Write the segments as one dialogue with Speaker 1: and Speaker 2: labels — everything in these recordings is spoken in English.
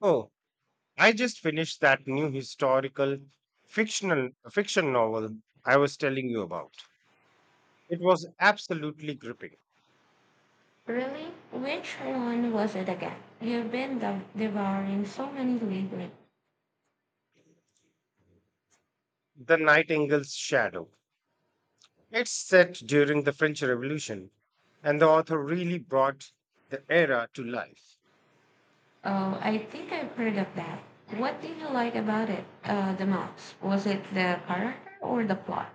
Speaker 1: Oh, I just finished that new historical fiction novel I was telling you about. It was absolutely gripping.
Speaker 2: Really? Which one was it again? You've been devouring so many lately.
Speaker 1: The Nightingale's Shadow. It's set during the French Revolution, and the author really brought the era to life.
Speaker 2: Oh, I think I've heard of that. What did you like about it the most? Was it the character or the plot?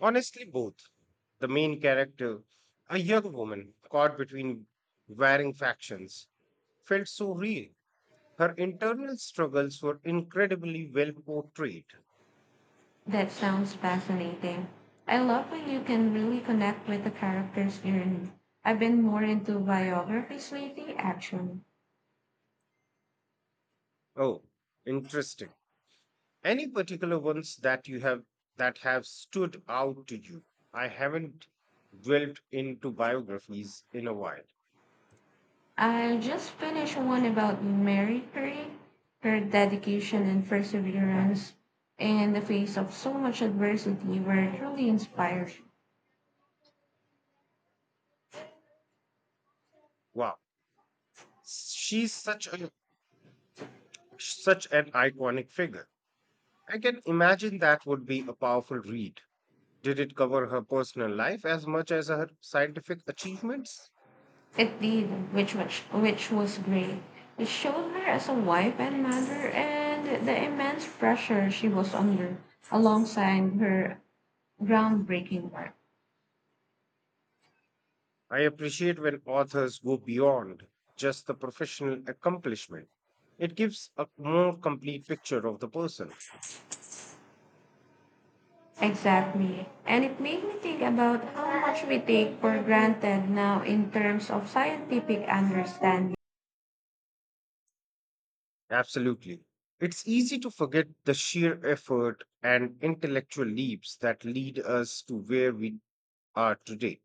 Speaker 1: Honestly, both. The main character, a young woman caught between varying factions, felt so real. Her internal struggles were incredibly well portrayed.
Speaker 2: That sounds fascinating. I love when you can really connect with the character's journey. I've been more into biographies lately, actually.
Speaker 1: Oh, interesting. Any particular ones that you have that have stood out to you? I haven't dwelt into biographies in a while.
Speaker 2: I just finished one about Mary Curie, her dedication and perseverance in the face of so much adversity were truly inspiring.
Speaker 1: Wow, she's such an iconic figure. I can imagine that would be a powerful read. Did it cover her personal life as much as her scientific achievements?
Speaker 2: It did, which was great. It showed her as a wife and mother and the immense pressure she was under alongside her groundbreaking work.
Speaker 1: I appreciate when authors go beyond just the professional accomplishment. It gives a more complete picture of the person.
Speaker 2: Exactly. And it made me think about how much we take for granted now in terms of scientific understanding.
Speaker 1: Absolutely. It's easy to forget the sheer effort and intellectual leaps that lead us to where we are today.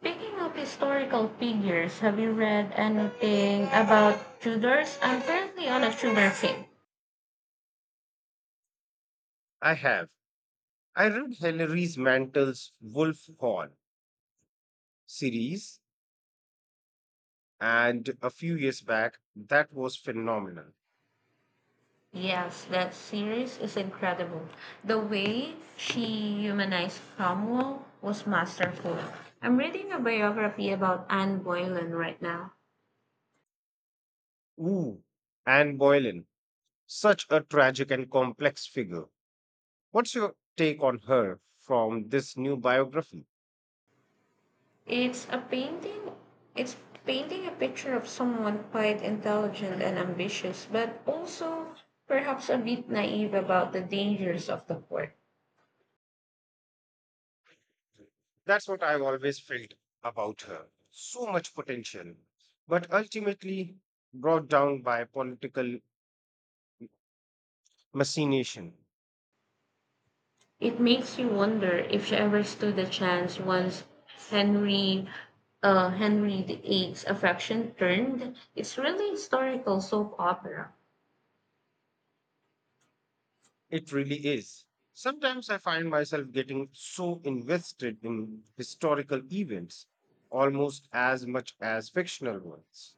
Speaker 2: Speaking of historical figures, have you read anything about Tudors? I'm currently on a Tudor kick.
Speaker 1: I have. I read Hilary Mantel's Wolf Hall series, and a few years back, that was phenomenal.
Speaker 2: Yes, that series is incredible. The way she humanized Cromwell was masterful. I'm reading a biography about Anne Boleyn right now.
Speaker 1: Ooh, Anne Boleyn, such a tragic and complex figure. What's your take on her from this new biography?
Speaker 2: It's a painting. It's painting a picture of someone quite intelligent and ambitious, but also perhaps a bit naive about the dangers of the court.
Speaker 1: That's what I've always felt about her. So much potential, but ultimately brought down by political machination.
Speaker 2: It makes you wonder if she ever stood a chance once Henry Henry the Eighth's affection turned. It's really historical soap opera.
Speaker 1: It really is. Sometimes I find myself getting so invested in historical events, almost as much as fictional ones.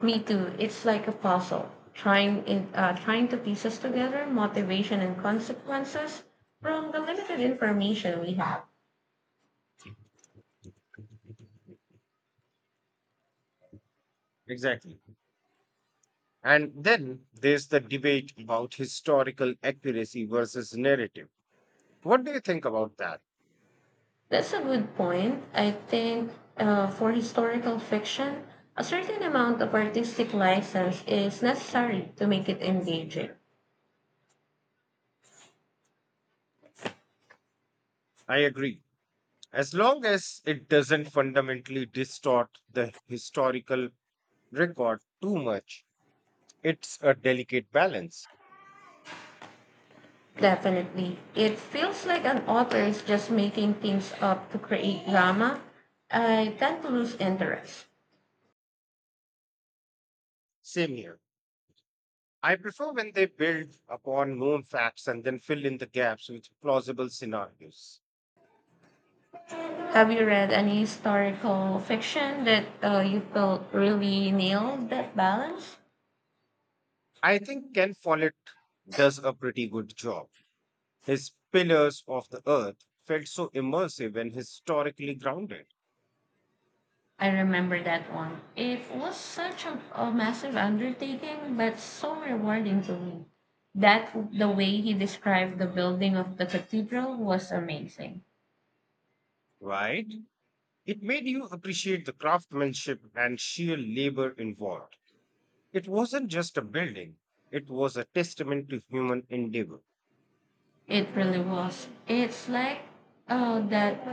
Speaker 2: Me too. It's like a puzzle, trying to pieces together motivation and consequences from the limited information we have.
Speaker 1: Exactly. And then there's the debate about historical accuracy versus narrative. What do you think about that?
Speaker 2: That's a good point. I think for historical fiction, a certain amount of artistic license is necessary to make it engaging.
Speaker 1: I agree. As long as it doesn't fundamentally distort the historical record too much, it's a delicate balance.
Speaker 2: Definitely. It feels like an author is just making things up to create drama. I tend to lose interest.
Speaker 1: Same here. I prefer when they build upon known facts and then fill in the gaps with plausible scenarios.
Speaker 2: Have you read any historical fiction that you felt really nailed that balance?
Speaker 1: I think Ken Follett does a pretty good job. His Pillars of the Earth felt so immersive and historically grounded,
Speaker 2: I remember that one. It was such a massive undertaking, but so rewarding to me. That the way he described the building of the cathedral was amazing.
Speaker 1: right? It made you appreciate the craftsmanship and sheer labor involved. It wasn't just a building, it was a testament to human endeavor.
Speaker 2: It really was. It's like that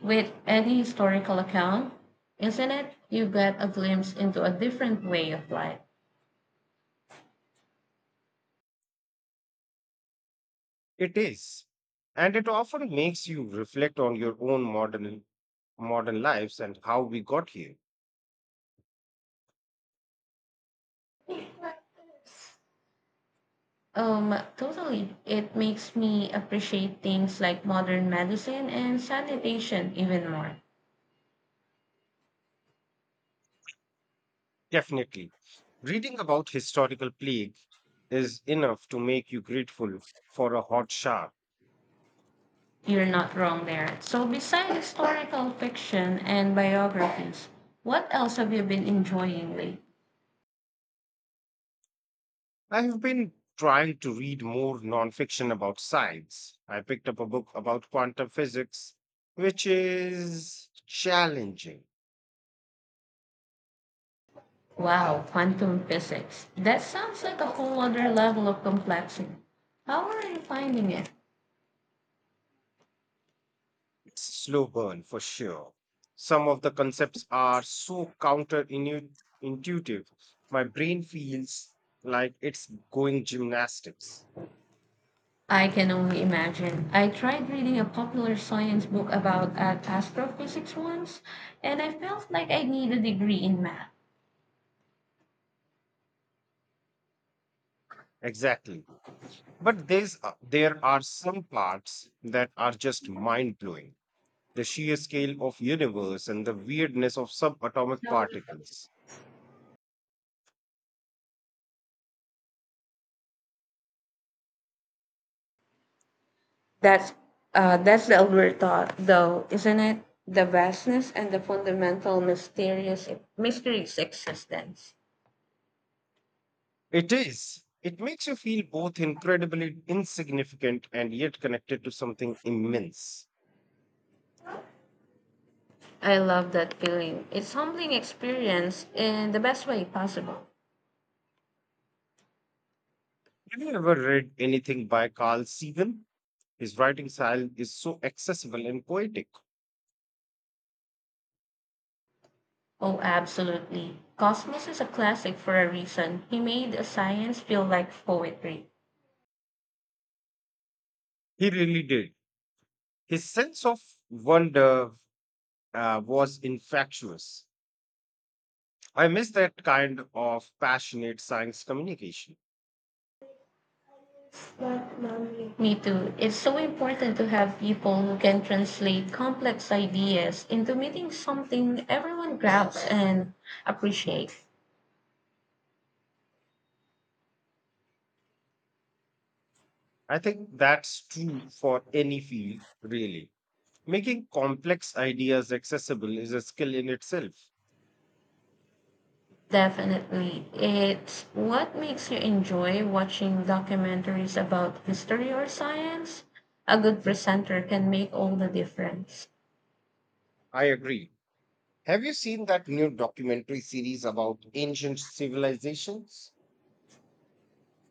Speaker 2: with any historical account, isn't it? You get a glimpse into a different way of life.
Speaker 1: It is. And it often makes you reflect on your own modern lives and how we got here.
Speaker 2: Totally. It makes me appreciate things like modern medicine and sanitation even more.
Speaker 1: Definitely. Reading about historical plague is enough to make you grateful for a hot shower.
Speaker 2: You're not wrong there. So, besides historical fiction and biographies, what else have you been enjoying lately?
Speaker 1: I have been trying to read more nonfiction about science. I picked up a book about quantum physics, which is challenging.
Speaker 2: Wow, quantum physics. That sounds like a whole other level of complexity. How are you finding it?
Speaker 1: It's a slow burn for sure. Some of the concepts are so counterintuitive. My brain feels like it's going gymnastics.
Speaker 2: I can only imagine. I tried reading a popular science book about astrophysics once, and I felt like I need a degree in math.
Speaker 1: Exactly. But there are some parts that are just mind blowing. The sheer scale of universe and the weirdness of subatomic particles.
Speaker 2: That's that's the older thought, though, isn't it? The vastness and the fundamental mysterious existence.
Speaker 1: It is. It makes you feel both incredibly insignificant and yet connected to something immense.
Speaker 2: I love that feeling. It's humbling experience in the best way possible.
Speaker 1: Have you ever read anything by Carl Sagan? His writing style is so accessible and poetic.
Speaker 2: Oh, absolutely. Cosmos is a classic for a reason. He made science feel like poetry.
Speaker 1: He really did. His sense of wonder was infectious. I miss that kind of passionate science communication.
Speaker 2: Me too. It's so important to have people who can translate complex ideas into meaning something everyone grabs and appreciates.
Speaker 1: I think that's true for any field, really. Making complex ideas accessible is a skill in itself.
Speaker 2: Definitely. It's what makes you enjoy watching documentaries about history or science. A good presenter can make all the difference.
Speaker 1: I agree. Have you seen that new documentary series about ancient civilizations?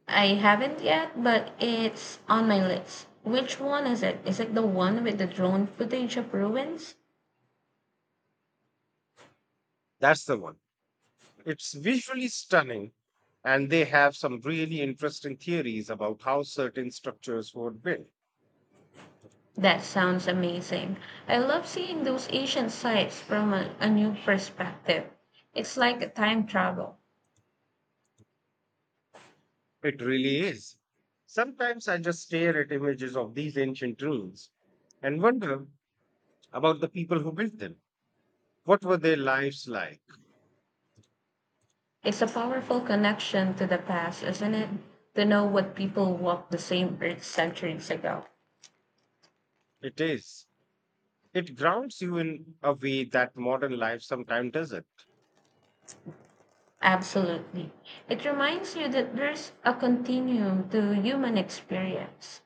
Speaker 2: I haven't yet, but it's on my list. Which one is it? Is it the one with the drone footage of ruins?
Speaker 1: That's the one. It's visually stunning, and they have some really interesting theories about how certain structures were built.
Speaker 2: That sounds amazing. I love seeing those ancient sites from a new perspective. It's like a time travel.
Speaker 1: It really is. Sometimes I just stare at images of these ancient ruins and wonder about the people who built them. What were their lives like?
Speaker 2: It's a powerful connection to the past, isn't it? To know what people walked the same earth centuries ago.
Speaker 1: It is. It grounds you in a way that modern life sometimes doesn't.
Speaker 2: Absolutely. It reminds you that there's a continuum to human experience.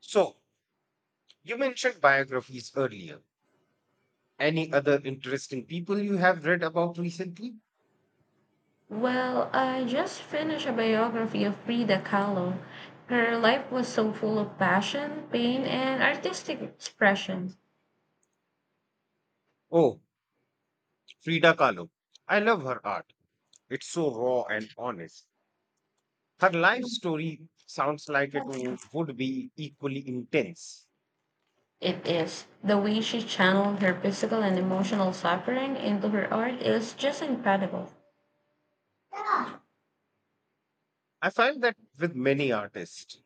Speaker 1: So, you mentioned biographies earlier. Any other interesting people you have read about recently?
Speaker 2: Well, I just finished a biography of Frida Kahlo. Her life was so full of passion, pain, and artistic expression.
Speaker 1: Oh, Frida Kahlo. I love her art. It's so raw and honest. Her life story sounds like would be equally intense.
Speaker 2: It is. The way she channeled her physical and emotional suffering into her art is just incredible.
Speaker 1: I find that with many artists,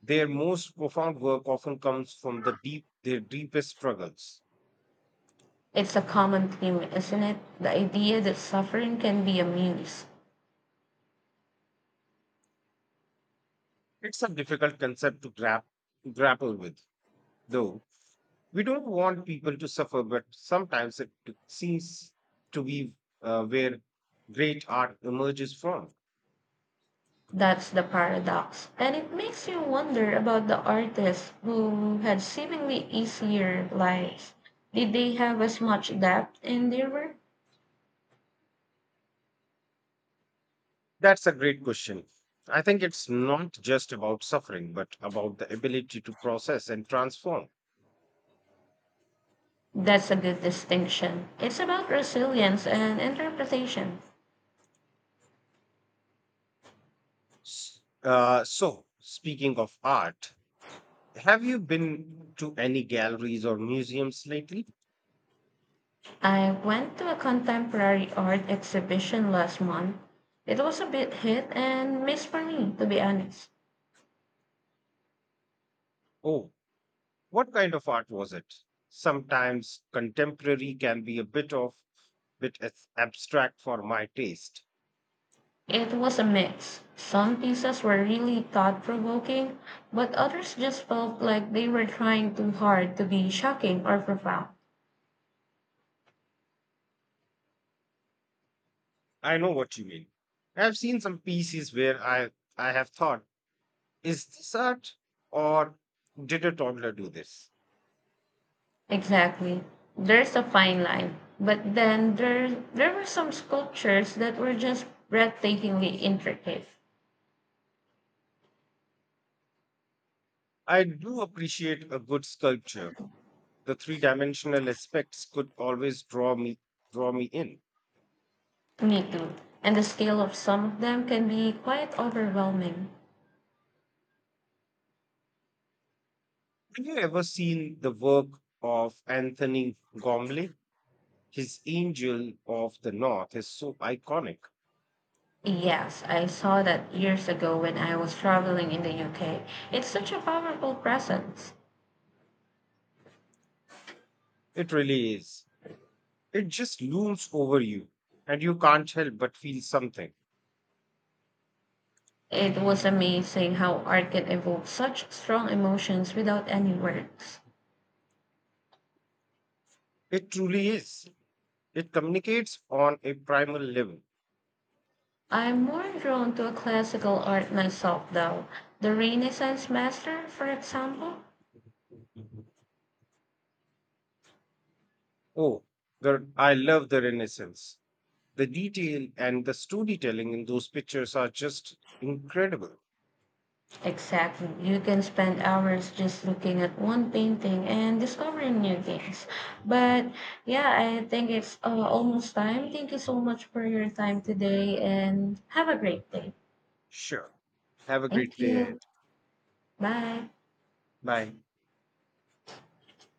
Speaker 1: their most profound work often comes from their deepest struggles.
Speaker 2: It's a common theme, isn't it? The idea that suffering can be a muse.
Speaker 1: It's a difficult concept to grapple with, though. We don't want people to suffer, but sometimes seems to be where great art emerges from.
Speaker 2: That's the paradox. And it makes you wonder about the artists who had seemingly easier lives. Did they have as much depth in their work?
Speaker 1: That's a great question. I think it's not just about suffering, but about the ability to process and transform.
Speaker 2: That's a good distinction. It's about resilience and interpretation.
Speaker 1: So, speaking of art, have you been to any galleries or museums lately?
Speaker 2: I went to a contemporary art exhibition last month. It was a bit hit and miss for me, to be honest.
Speaker 1: Oh, what kind of art was it? Sometimes contemporary can be a bit of bit as abstract for my taste.
Speaker 2: It was a mix. Some pieces were really thought provoking, but others just felt like they were trying too hard to be shocking or profound.
Speaker 1: I know what you mean. I've seen some pieces where I have thought, is this art or did a toddler do this?
Speaker 2: Exactly. There's a fine line. But then there were some sculptures that were just breathtakingly intricate.
Speaker 1: I do appreciate a good sculpture, the three-dimensional aspects could always draw me in.
Speaker 2: Me too. And the scale of some of them can be quite overwhelming.
Speaker 1: Have you ever seen the work of Anthony Gormley? His Angel of the North is so iconic.
Speaker 2: Yes, I saw that years ago when I was traveling in the UK. It's such a powerful presence.
Speaker 1: It really is. It just looms over you, and you can't help but feel something.
Speaker 2: It was amazing how art can evoke such strong emotions without any words.
Speaker 1: It truly is. It communicates on a primal level.
Speaker 2: I'm more drawn to a classical art myself, though. The Renaissance master, for example.
Speaker 1: Oh, I love the Renaissance. The detail and the storytelling in those pictures are just incredible.
Speaker 2: Exactly. You can spend hours just looking at one painting and discovering new things. But yeah, I think it's almost time. Thank you so much for your time today and have a great day.
Speaker 1: Sure. Have a great
Speaker 2: Thank
Speaker 1: day
Speaker 2: you.
Speaker 1: ahead.
Speaker 2: Bye.
Speaker 1: Bye.